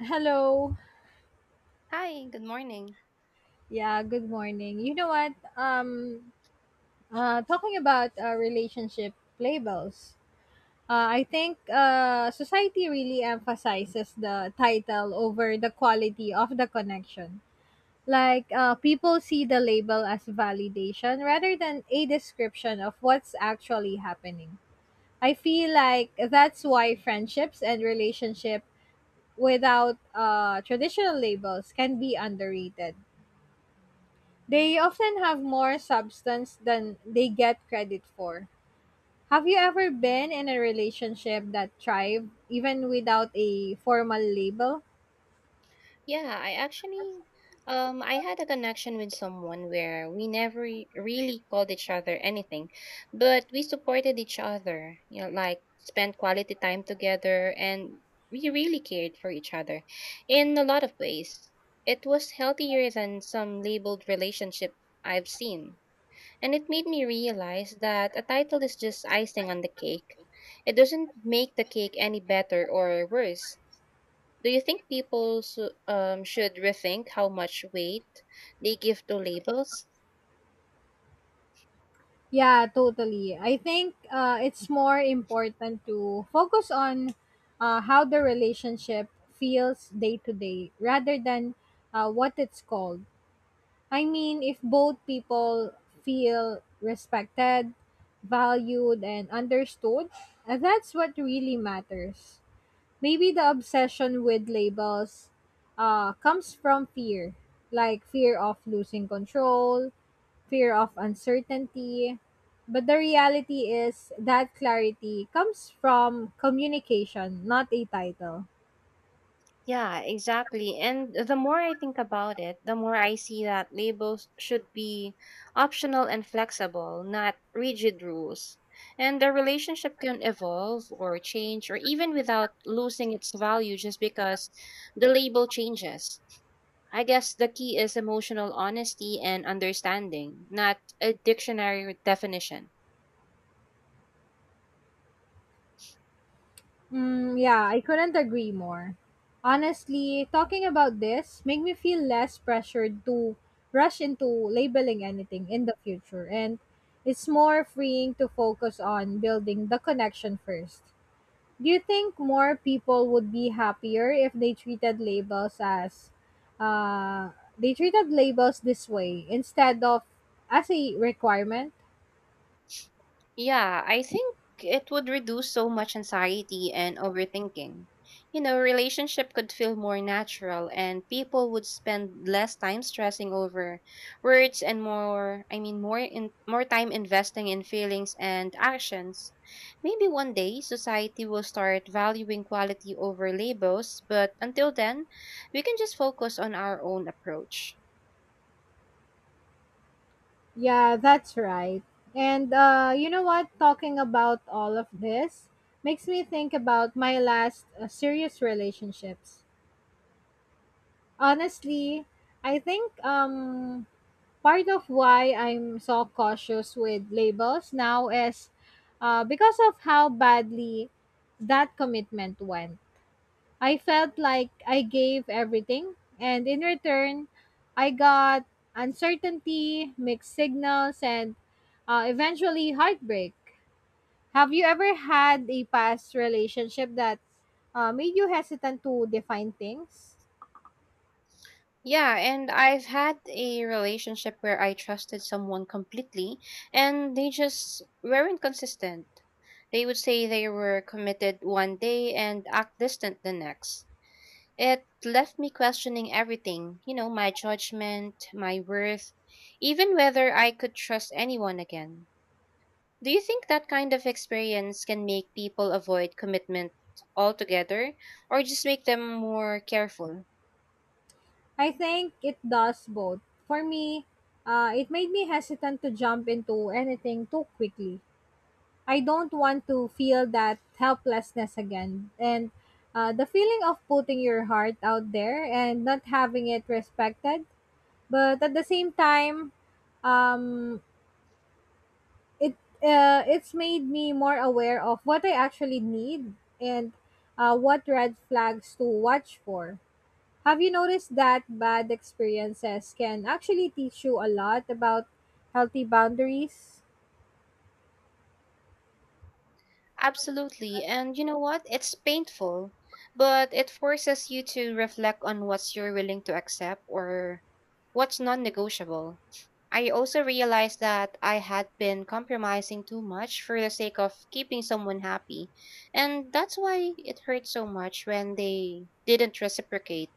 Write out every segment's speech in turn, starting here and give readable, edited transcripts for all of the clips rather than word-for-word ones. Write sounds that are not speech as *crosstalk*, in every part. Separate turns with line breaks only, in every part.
Hello.
Hi, good morning.
Yeah, good morning. You know what? Talking about relationship labels. I think society really emphasizes the title over the quality of the connection. Like people see the label as validation rather than a description of what's actually happening. I feel like that's why friendships and relationship without traditional labels can be underrated. They often have more substance than they get credit for. Have you ever been in a relationship that thrived even without a formal label?
Yeah, I actually I had a connection with someone where we never re- really called each other anything, but we supported each other, you know, like spent quality time together and we really cared for each other in a lot of ways. It was healthier than some labeled relationship I've seen, and it made me realize that a title is just icing on the cake. It doesn't make the cake any better or worse. Do you think people should rethink how much weight they give to labels?
Yeah, totally. I think it's more important to focus on how the relationship feels day to day rather than what it's called. I mean, if both people feel respected, valued, and understood, that's what really matters. Maybe the obsession with labels comes from fear, like fear of losing control, fear of uncertainty. But the reality is that clarity comes from communication, not a title.
Yeah, exactly. And the more I think about it, the more I see that labels should be optional and flexible, not rigid rules. And the relationship can evolve or change or even without losing its value just because the label changes. I guess the key is emotional honesty and understanding, not a dictionary definition.
Mm, yeah, I couldn't agree more. Honestly, talking about this make me feel less pressured to rush into labeling anything in the future, and it's more freeing to focus on building the connection first. Do you think more people would be happier if they treated labels as uh, they treated labels this way instead of as a requirement?
Yeah, I think it would reduce so much anxiety and overthinking. You know, relationship could feel more natural and people would spend less time stressing over words and more in more time investing in feelings and actions. Maybe one day society will start valuing quality over labels, but until then, we can just focus on our own approach.
Yeah, that's right. And you know what? Talking about all of this makes me think about my last serious relationships. Honestly, I think part of why I'm so cautious with labels now is because of how badly that commitment went. I felt like I gave everything, and in return, I got uncertainty, mixed signals, and eventually heartbreak. Have you ever had a past relationship that made you hesitant to define things?
Yeah, and I've had a relationship where I trusted someone completely and they just weren't consistent. They would say they were committed one day and act distant the next. It left me questioning everything, you know, my judgment, my worth, even whether I could trust anyone again. Do you think that kind of experience can make people avoid commitment altogether or just make them more careful?
I think it does both. For me, it made me hesitant to jump into anything too quickly. I don't want to feel that helplessness again. And the feeling of putting your heart out there and not having it respected. But at the same time, um, it it's made me more aware of what I actually need, and what red flags to watch for. Have you noticed that bad experiences can actually teach you a lot about healthy boundaries?
Absolutely. And you know what? It's painful, but it forces you to reflect on what's you're willing to accept or what's non-negotiable. I also realized that I had been compromising too much for the sake of keeping someone happy. And that's why it hurt so much when they didn't reciprocate.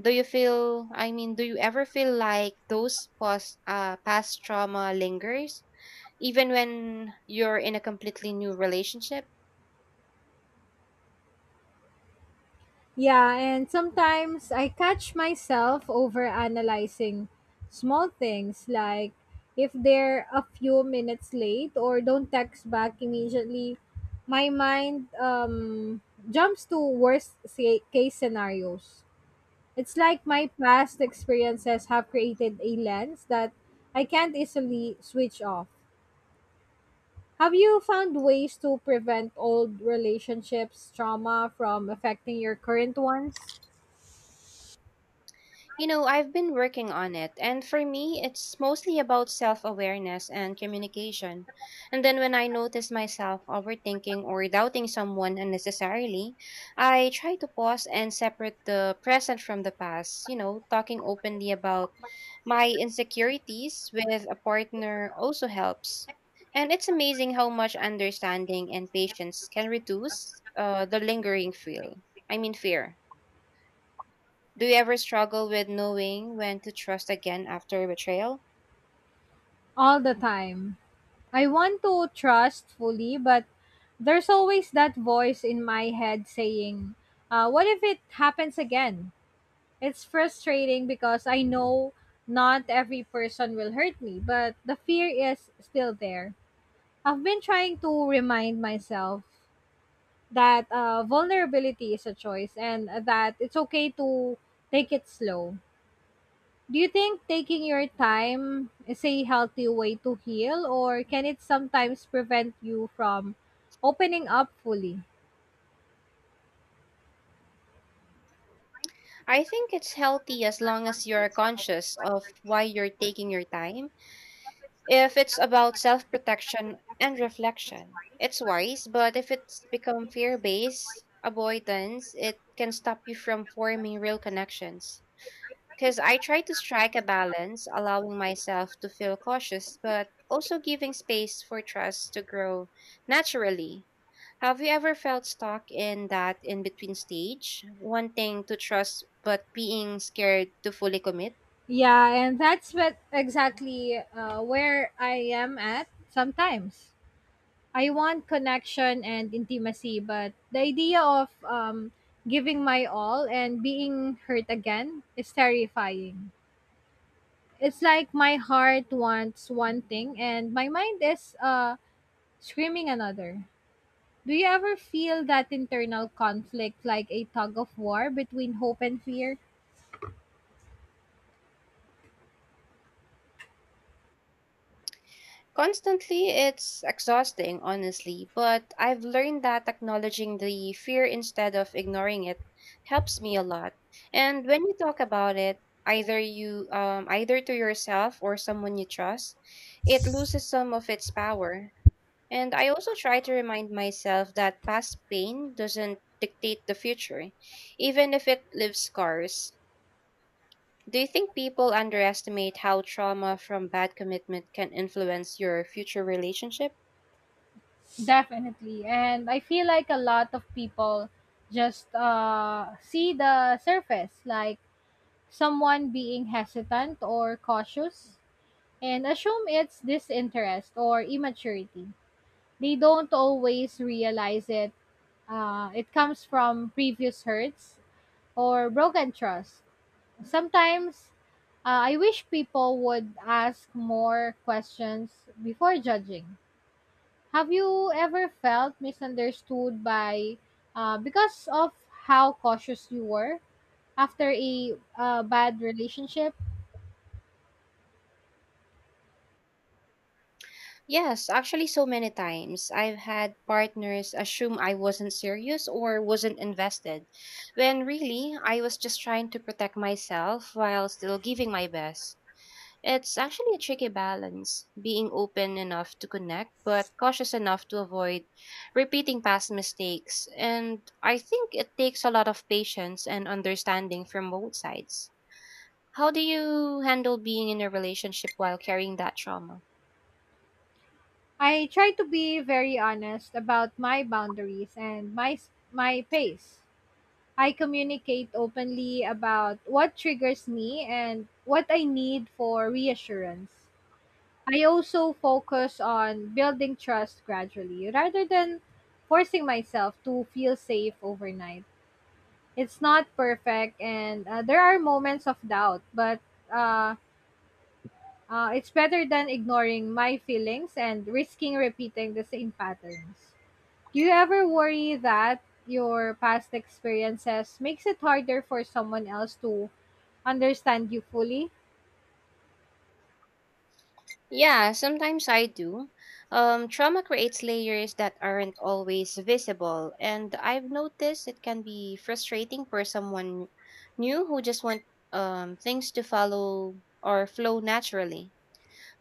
Do you ever feel like those past trauma lingers, even when you're in a completely new relationship?
Yeah, and sometimes I catch myself over analyzing small things, like if they're a few minutes late or don't text back immediately, my mind jumps to case scenarios. It's like my past experiences have created a lens that I can't easily switch off. Have you found ways to prevent old relationships trauma from affecting your current ones?
You know, I've been working on it, and for me, it's mostly about self awareness and communication. And then when I notice myself overthinking or doubting someone unnecessarily, I try to pause and separate the present from the past, you know, talking openly about my insecurities with a partner also helps. And it's amazing how much understanding and patience can reduce the lingering feel. I mean, fear. Do you ever struggle with knowing when to trust again after betrayal?
All the time. I want to trust fully, but there's always that voice in my head saying, what if it happens again? It's frustrating because I know not every person will hurt me, but the fear is still there. I've been trying to remind myself that vulnerability is a choice and that it's okay to take it slow. Do you think taking your time is a healthy way to heal, or can it sometimes prevent you from opening up fully?
I think it's healthy as long as you're conscious of why you're taking your time. If it's about self protection and reflection, it's wise, but if it's become fear based avoidance, it can stop you from forming real connections. Because I try to strike a balance, allowing myself to feel cautious, but also giving space for trust to grow naturally. Have you ever felt stuck in that in between stage, wanting to trust but being scared to fully commit?
Yeah, and that's what exactly where I am at sometimes. I want connection and intimacy, but the idea of giving my all and being hurt again is terrifying. It's like my heart wants one thing and my mind is screaming another. Do you ever feel that internal conflict, like a tug of war between hope and fear?
Constantly, it's exhausting, honestly, but I've learned that acknowledging the fear instead of ignoring it helps me a lot. And when you talk about it, either to yourself or someone you trust, it loses some of its power. And I also try to remind myself that past pain doesn't dictate the future, even if it leaves scars. Do you think people underestimate how trauma from bad commitment can influence your future relationship?
Definitely. And I feel like a lot of people just see the surface, like someone being hesitant or cautious and assume it's disinterest or immaturity. They don't always realize it it comes from previous hurts or broken trust. Sometimes I wish people would ask more questions before judging. Have you ever felt misunderstood by because of how cautious you were after a bad relationship?
Yes, actually, so many times. I've had partners assume I wasn't serious or wasn't invested, when really I was just trying to protect myself while still giving my best. It's actually a tricky balance, being open enough to connect, but cautious enough to avoid repeating past mistakes. And I think it takes a lot of patience and understanding from both sides. How do you handle being in a relationship while carrying that trauma?
I try to be very honest about my boundaries and my pace. I communicate openly about what triggers me and what I need for reassurance. I also focus on building trust gradually rather than forcing myself to feel safe overnight. It's not perfect, and there are moments of doubt, but uh, it's better than ignoring my feelings and risking repeating the same patterns. Do you ever worry that your past experiences makes it harder for someone else to understand you fully?
Yeah, sometimes I do. Trauma creates layers that aren't always visible, and I've noticed it can be frustrating for someone new who just want things to follow or flow naturally.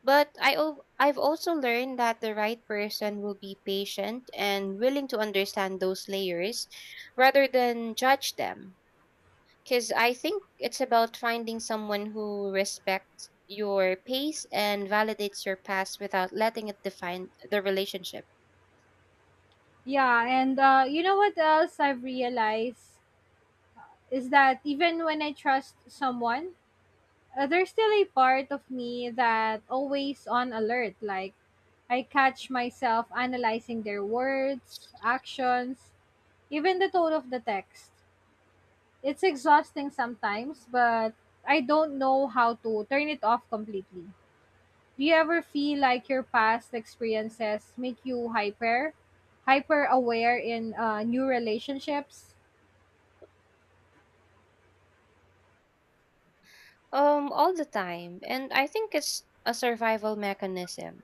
But I've also learned that the right person will be patient and willing to understand those layers rather than judge them. Because I think it's about finding someone who respects your pace and validates your past without letting it define the relationship.
Yeah, and you know what else I've realized? Is that even when I trust someone, there's still a part of me that always on alert. Like I catch myself analyzing their words, actions, even the tone of the text. It's exhausting sometimes, but I don't know how to turn it off completely. Do you ever feel like your past experiences make you hyper aware in new relationships?
All the time, and I think it's a survival mechanism.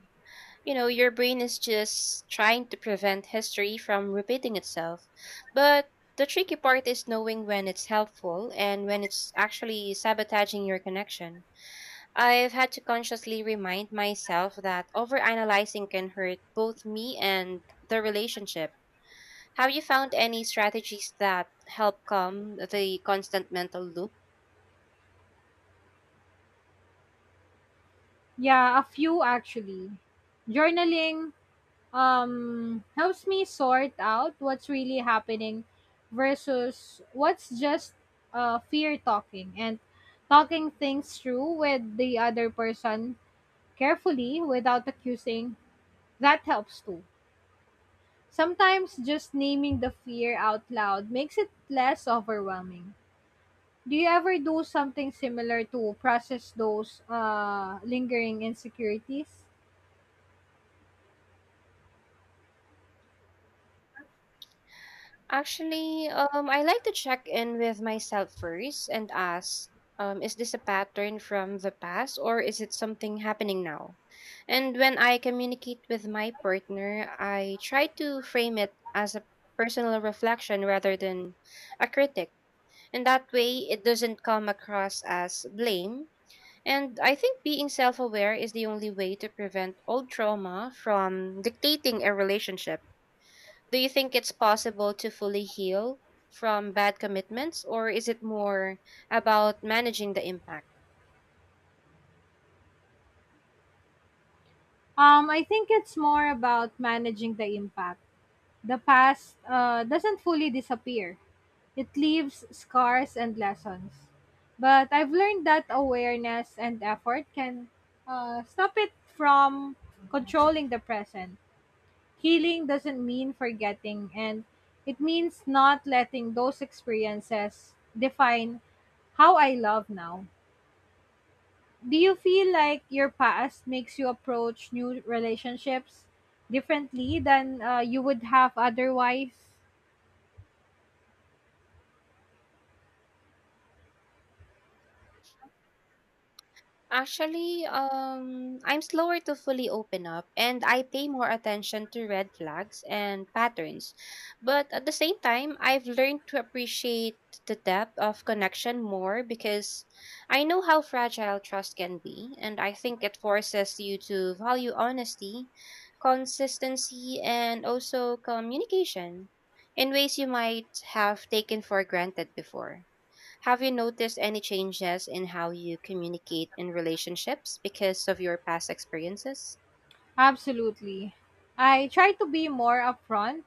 You know, your brain is just trying to prevent history from repeating itself, but the tricky part is knowing when it's helpful and when it's actually sabotaging your connection. I've had to consciously remind myself that overanalyzing can hurt both me and the relationship. Have you found any strategies that help calm the constant mental loop?
Yeah, a few actually. Journaling helps me sort out what's really happening versus what's just fear talking, and talking things through with the other person carefully without accusing, that helps too. Sometimes just naming the fear out loud makes it less overwhelming. Do you ever do something similar to process those lingering insecurities?
Actually, I like to check in with myself first and ask, is this a pattern from the past or is it something happening now? And when I communicate with my partner, I try to frame it as a personal reflection rather than a critic. And that way, it doesn't come across as blame. And I think being self aware is the only way to prevent old trauma from dictating a relationship. Do you think it's possible to fully heal from bad commitments, or is it more about managing the impact?
I think it's more about managing the impact. The past doesn't fully disappear, it leaves scars and lessons. But I've learned that awareness and effort can stop it from controlling the present. Healing doesn't mean forgetting, and it means not letting those experiences define how I love now. Do you feel like your past makes you approach new relationships differently than you would have otherwise?
Actually, I'm slower to fully open up and I pay more attention to red flags and patterns. But at the same time, I've learned to appreciate the depth of connection more because I know how fragile trust can be. And I think it forces you to value honesty, consistency, and also communication in ways you might have taken for granted before. Have you noticed any changes in how you communicate in relationships because of your past experiences?
Absolutely. I try to be more upfront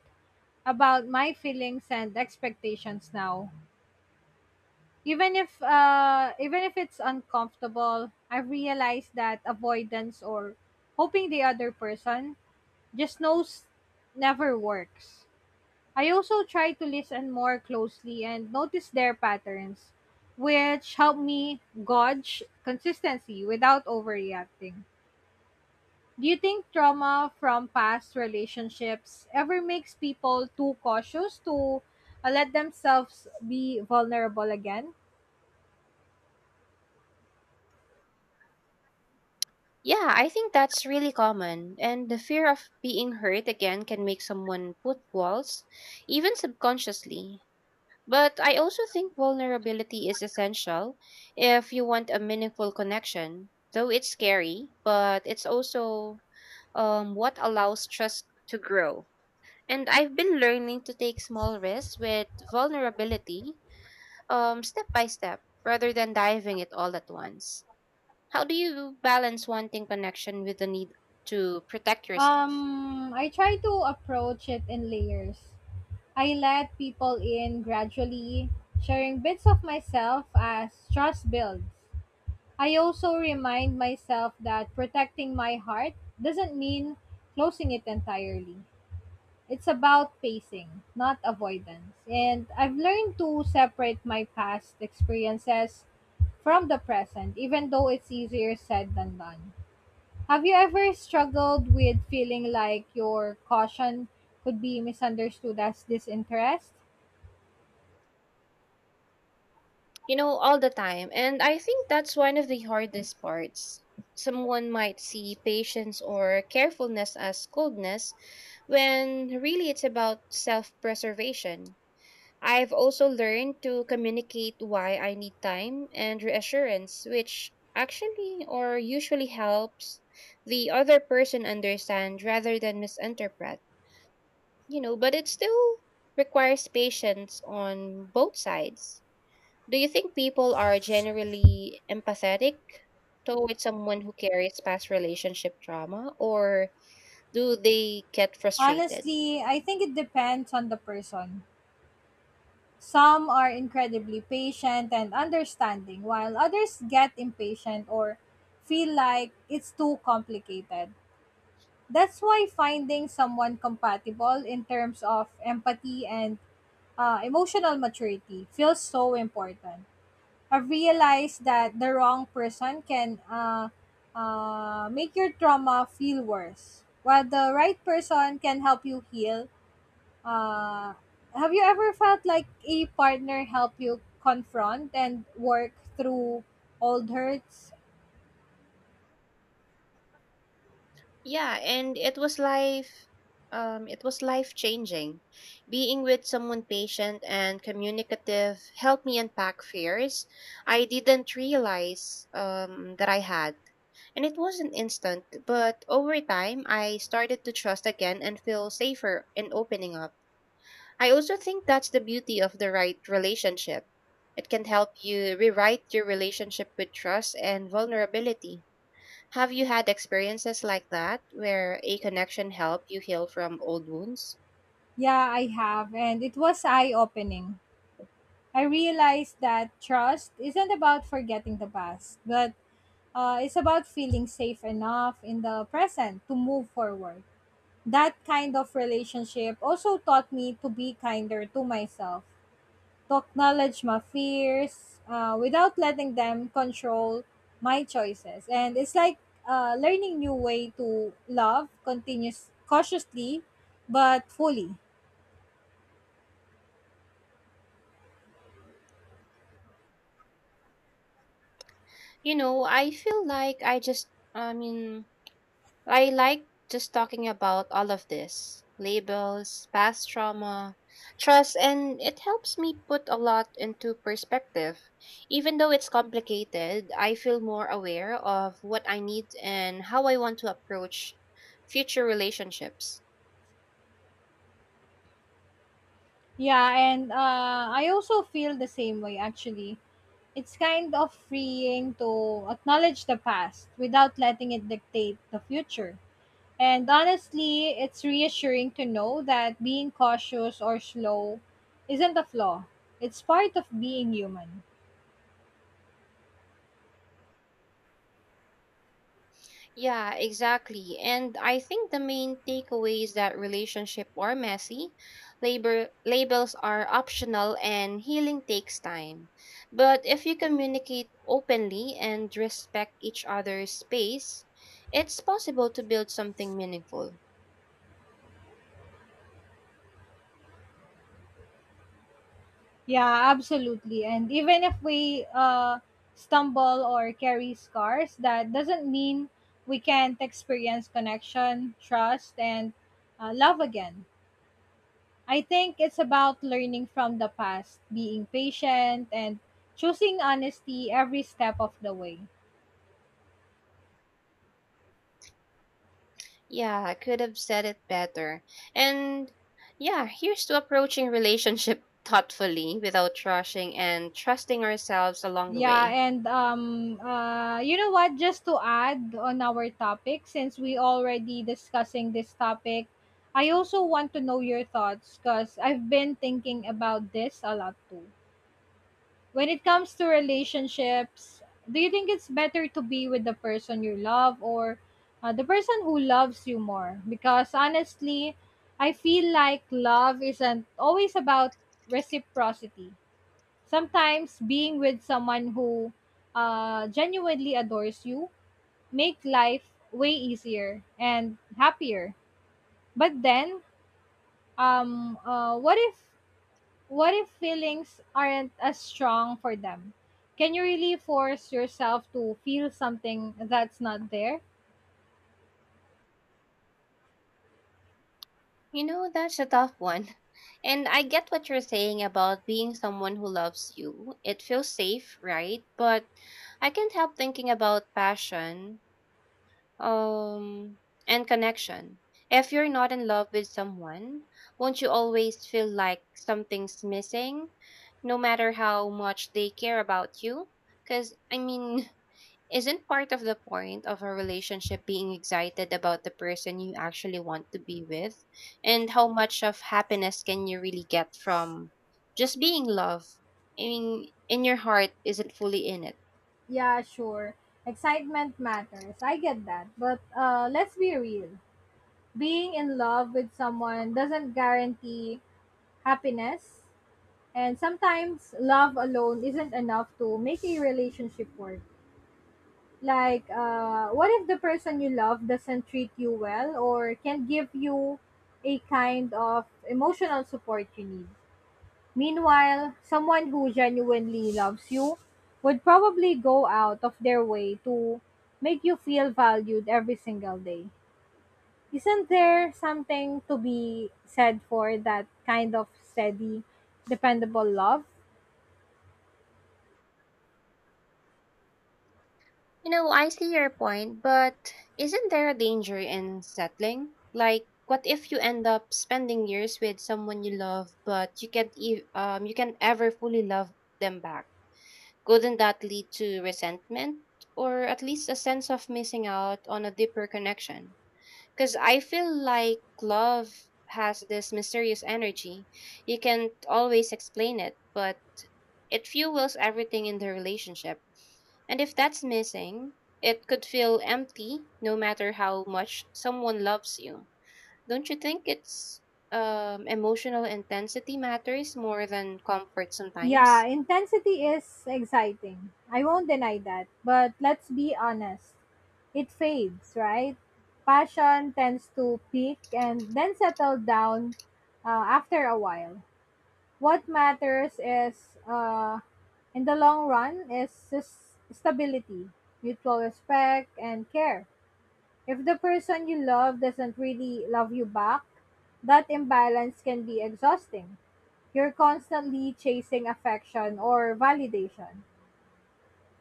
about my feelings and expectations now. Even if even if it's uncomfortable, I realize that avoidance or hoping the other person just knows never works. I also try to listen more closely and notice their patterns, which help me gauge consistency without overreacting. Do you think trauma from past relationships ever makes people too cautious to let themselves be vulnerable again?
Yeah, I think that's really common. And the fear of being hurt again can make someone put walls, even subconsciously. But I also think vulnerability is essential if you want a meaningful connection. Though it's scary, but it's also what allows trust to grow. And I've been learning to take small risks with vulnerability step by step rather than diving it all at once. How do you balance wanting connection with the need to protect yourself?
I try to approach it in layers. I let people in gradually, sharing bits of myself as trust builds. I also remind myself that protecting my heart doesn't mean closing it entirely. It's about pacing, not avoidance. And I've learned to separate my past experiences from the present, even though it's easier said than done. Have you ever struggled with feeling like your caution could be misunderstood as disinterest?
You know, all the time. And I think that's one of the hardest parts. Someone might see patience or carefulness as coldness when really it's about self preservation. I've also learned to communicate why I need time and reassurance, which actually or usually helps the other person understand rather than misinterpret. You know, but it still requires patience on both sides. Do you think people are generally empathetic towards someone who carries past relationship trauma, or do they get frustrated?
Honestly, I think it depends on the person. Some are incredibly patient and understanding, while others get impatient or feel like it's too complicated. That's why finding someone compatible in terms of empathy and emotional maturity feels so important. I've realized that the wrong person can make your trauma feel worse, while the right person can help you heal. Uh, have you ever felt like a partner help you confront and work through old hurts?
Yeah, and it was life changing. Being with someone patient and communicative helped me unpack fears I didn't realize that I had. And it wasn't instant, but over time I started to trust again and feel safer in opening up. I also think that's the beauty of the right relationship. It can help you rewrite your relationship with trust and vulnerability. Have you had experiences like that where a connection helped you heal from old wounds?
Yeah, I have, and it was eye opening. I realized that trust isn't about forgetting the past, but it's about feeling safe enough in the present to move forward. That kind of relationship also taught me to be kinder to myself, to acknowledge my fears without letting them control my choices. And it's like learning new way to love continuous cautiously but fully.
You know, I feel like I just, I mean, I like just talking about all of this labels, past trauma, trust, and it helps me put a lot into perspective. Even though it's complicated, I feel more aware of what I need and how I want to approach future relationships.
Yeah, and I also feel the same way actually. It's kind of freeing to acknowledge the past without letting it dictate the future. And honestly, it's reassuring to know that being cautious or slow isn't a flaw, it's part of being human.
Yeah, exactly. And I think the main takeaway is that relationships are messy, labor labels are optional, and healing takes time. But if you communicate openly and respect each other's space, it's possible to build something meaningful.
Yeah, absolutely. And even if we stumble or carry scars, that doesn't mean we can't experience connection, trust, and love again. I think it's about learning from the past, being patient, and choosing honesty every step of the way.
Yeah, I could have said it better. And yeah, here's to approaching *laughs* relationship thoughtfully without rushing and trusting ourselves along the
Yeah,
way.
and you know what? Just to add on our topic, since we already discussing this topic, I also want to know your thoughts because I've been thinking about this a lot too. When it comes to relationships, do you think it's better to be with the person you love or the person who loves you more? Because honestly, I feel like love isn't always about reciprocity. Sometimes being with someone who genuinely adores you make life way easier and happier. But then, um, uh, what if what if feelings aren't as strong for them? Can you really force yourself to feel something that's not there?
You know, that's a tough one. And I get what you're saying about being someone who loves you. It feels safe, right? But I can't help thinking about passion, um, and connection. If you're not in love with someone, won't you always feel like something's missing, no matter how much they care about you? Because, I mean, *laughs* isn't part of the point of a relationship being excited about the person you actually want to be with? And how much of happiness can you really get from just being love? I mean, in your heart isn't fully in it.
Yeah, sure. Excitement matters. I get that. But let's be real. Being in love with someone doesn't guarantee happiness. And sometimes love alone isn't enough to make a relationship work. Like, what if the person you love doesn't treat you well or can't give you a kind of emotional support you need? Meanwhile, someone who genuinely loves you would probably go out of their way to make you feel valued every single day. Isn't there something to be said for that kind of steady, dependable love?
You know, I see your point, but isn't there a danger in settling? Like, what if you end up spending years with someone you love, but you can't, e- you can't ever fully love them back? Couldn't that lead to resentment or at least a sense of missing out on a deeper connection? Because I feel like love has this mysterious energy. You can't always explain it, but it fuels everything in the relationship. And if that's missing, it could feel empty no matter how much someone loves you. Don't you think it's emotional intensity matters more than comfort
Yeah,
sometimes?
intensity is exciting. I won't deny that. But let's be honest, it fades, right? Passion tends to peak and then settle down after a while. What matters is, in the long run, is stability, mutual respect, and care. If the person you love doesn't really love you back, that imbalance can be exhausting. You're constantly chasing affection or validation.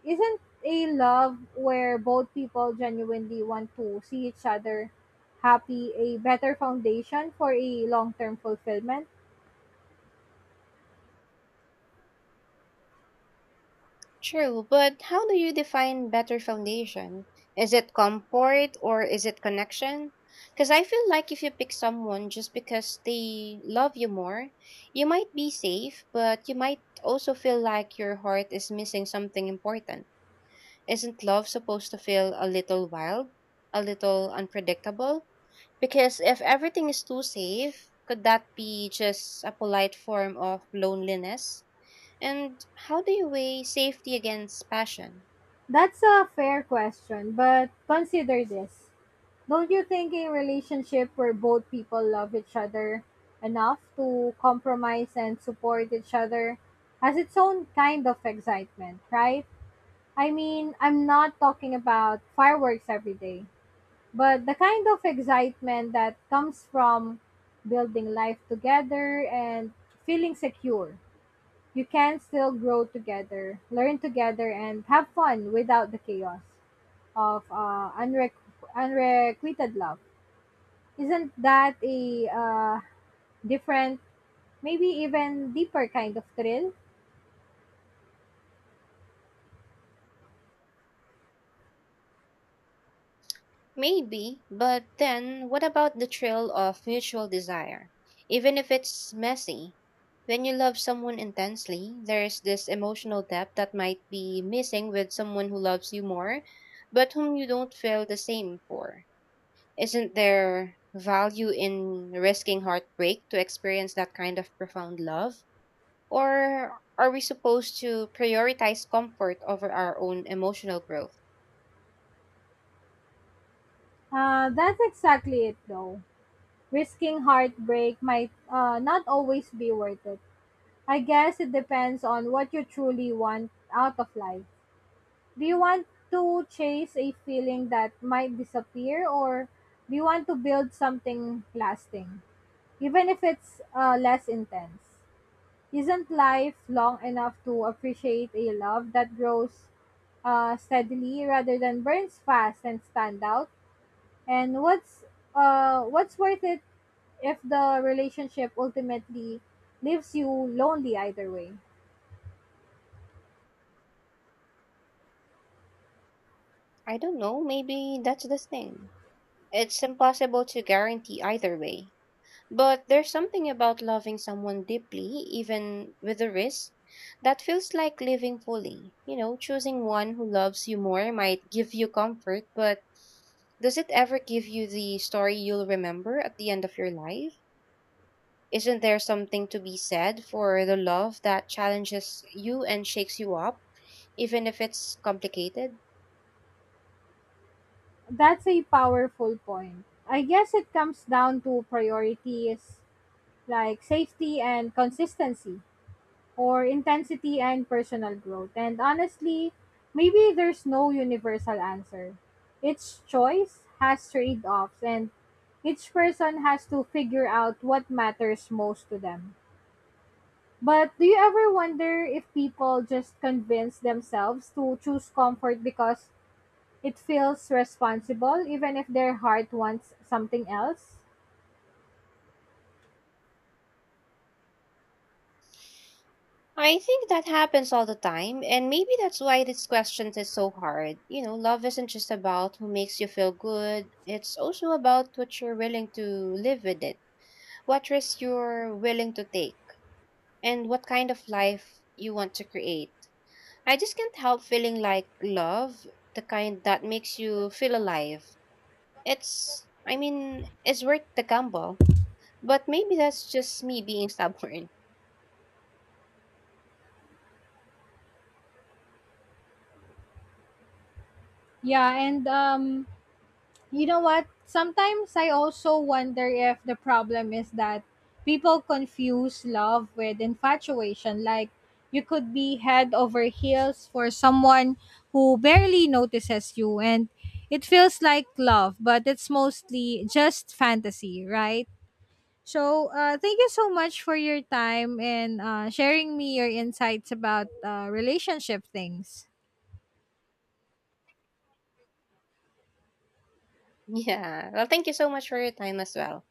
Isn't a love where both people genuinely want to see each other happy a better foundation for a long term fulfillment?
True, but how do you define better foundation? Is it comfort or is it connection? Because I feel like if you pick someone just because they love you more, you might be safe, but you might also feel like your heart is missing something important. Isn't love supposed to feel a little wild, a little unpredictable? Because if everything is too safe, could that be just a polite form of loneliness? And how do you weigh safety against passion?
That's a fair question, but consider this. Don't you think a relationship where both people love each other enough to compromise and support each other has its own kind of excitement, right? I mean, I'm not talking about fireworks every day, but the kind of excitement that comes from building life together and feeling secure. You can still grow together, learn together, and have fun without the chaos of unrequited love. Isn't that a different, maybe even deeper kind of thrill?
Maybe, but then what about the thrill of mutual desire? Even if it's messy, when you love someone intensely, there's this emotional depth that might be missing with someone who loves you more, but whom you don't feel the same for. Isn't there value in risking heartbreak to experience that kind of profound love? Or are we supposed to prioritize comfort over our own emotional growth?
That's exactly it, though. Risking heartbreak might not always be worth it. I guess it depends on what you truly want out of life. Do you want to chase a feeling that might disappear, or do you want to build something lasting, even if it's less intense? Isn't life long enough to appreciate a love that grows steadily rather than burns fast and stand out? And what's worth it if the relationship ultimately leaves you lonely either way?
I don't know, maybe that's the thing. It's impossible to guarantee either way. But there's something about loving someone deeply, even with the risk, that feels like living fully. You know, choosing one who loves you more might give you comfort, but does it ever give you the story you'll remember at the end of your life? Isn't there something to be said for the love that challenges you and shakes you up, even if it's complicated?
That's a powerful point. I guess it comes down to priorities, like safety and consistency, or intensity and personal growth. And honestly, maybe there's no universal answer. Each choice has trade offs, and each person has to figure out what matters most to them. But do you ever wonder if people just convince themselves to choose comfort because it feels responsible, even if their heart wants something else?
I think that happens all the time, and maybe that's why this question is so hard. You know, love isn't just about who makes you feel good, it's also about what you're willing to live with it, what risk you're willing to take, and what kind of life you want to create. I just can't help feeling like love, The kind that makes you feel alive, it's worth the gamble. But maybe that's just me being stubborn. *laughs*
Yeah, and you know what? Sometimes I also wonder if the problem is that people confuse love with infatuation. Like, you could be head over heels for someone who barely notices you, and it feels like love, but it's mostly just fantasy, right? So, thank you so much for your time and sharing me your insights about relationship things.
Yeah. Well, thank you so much for your time as well.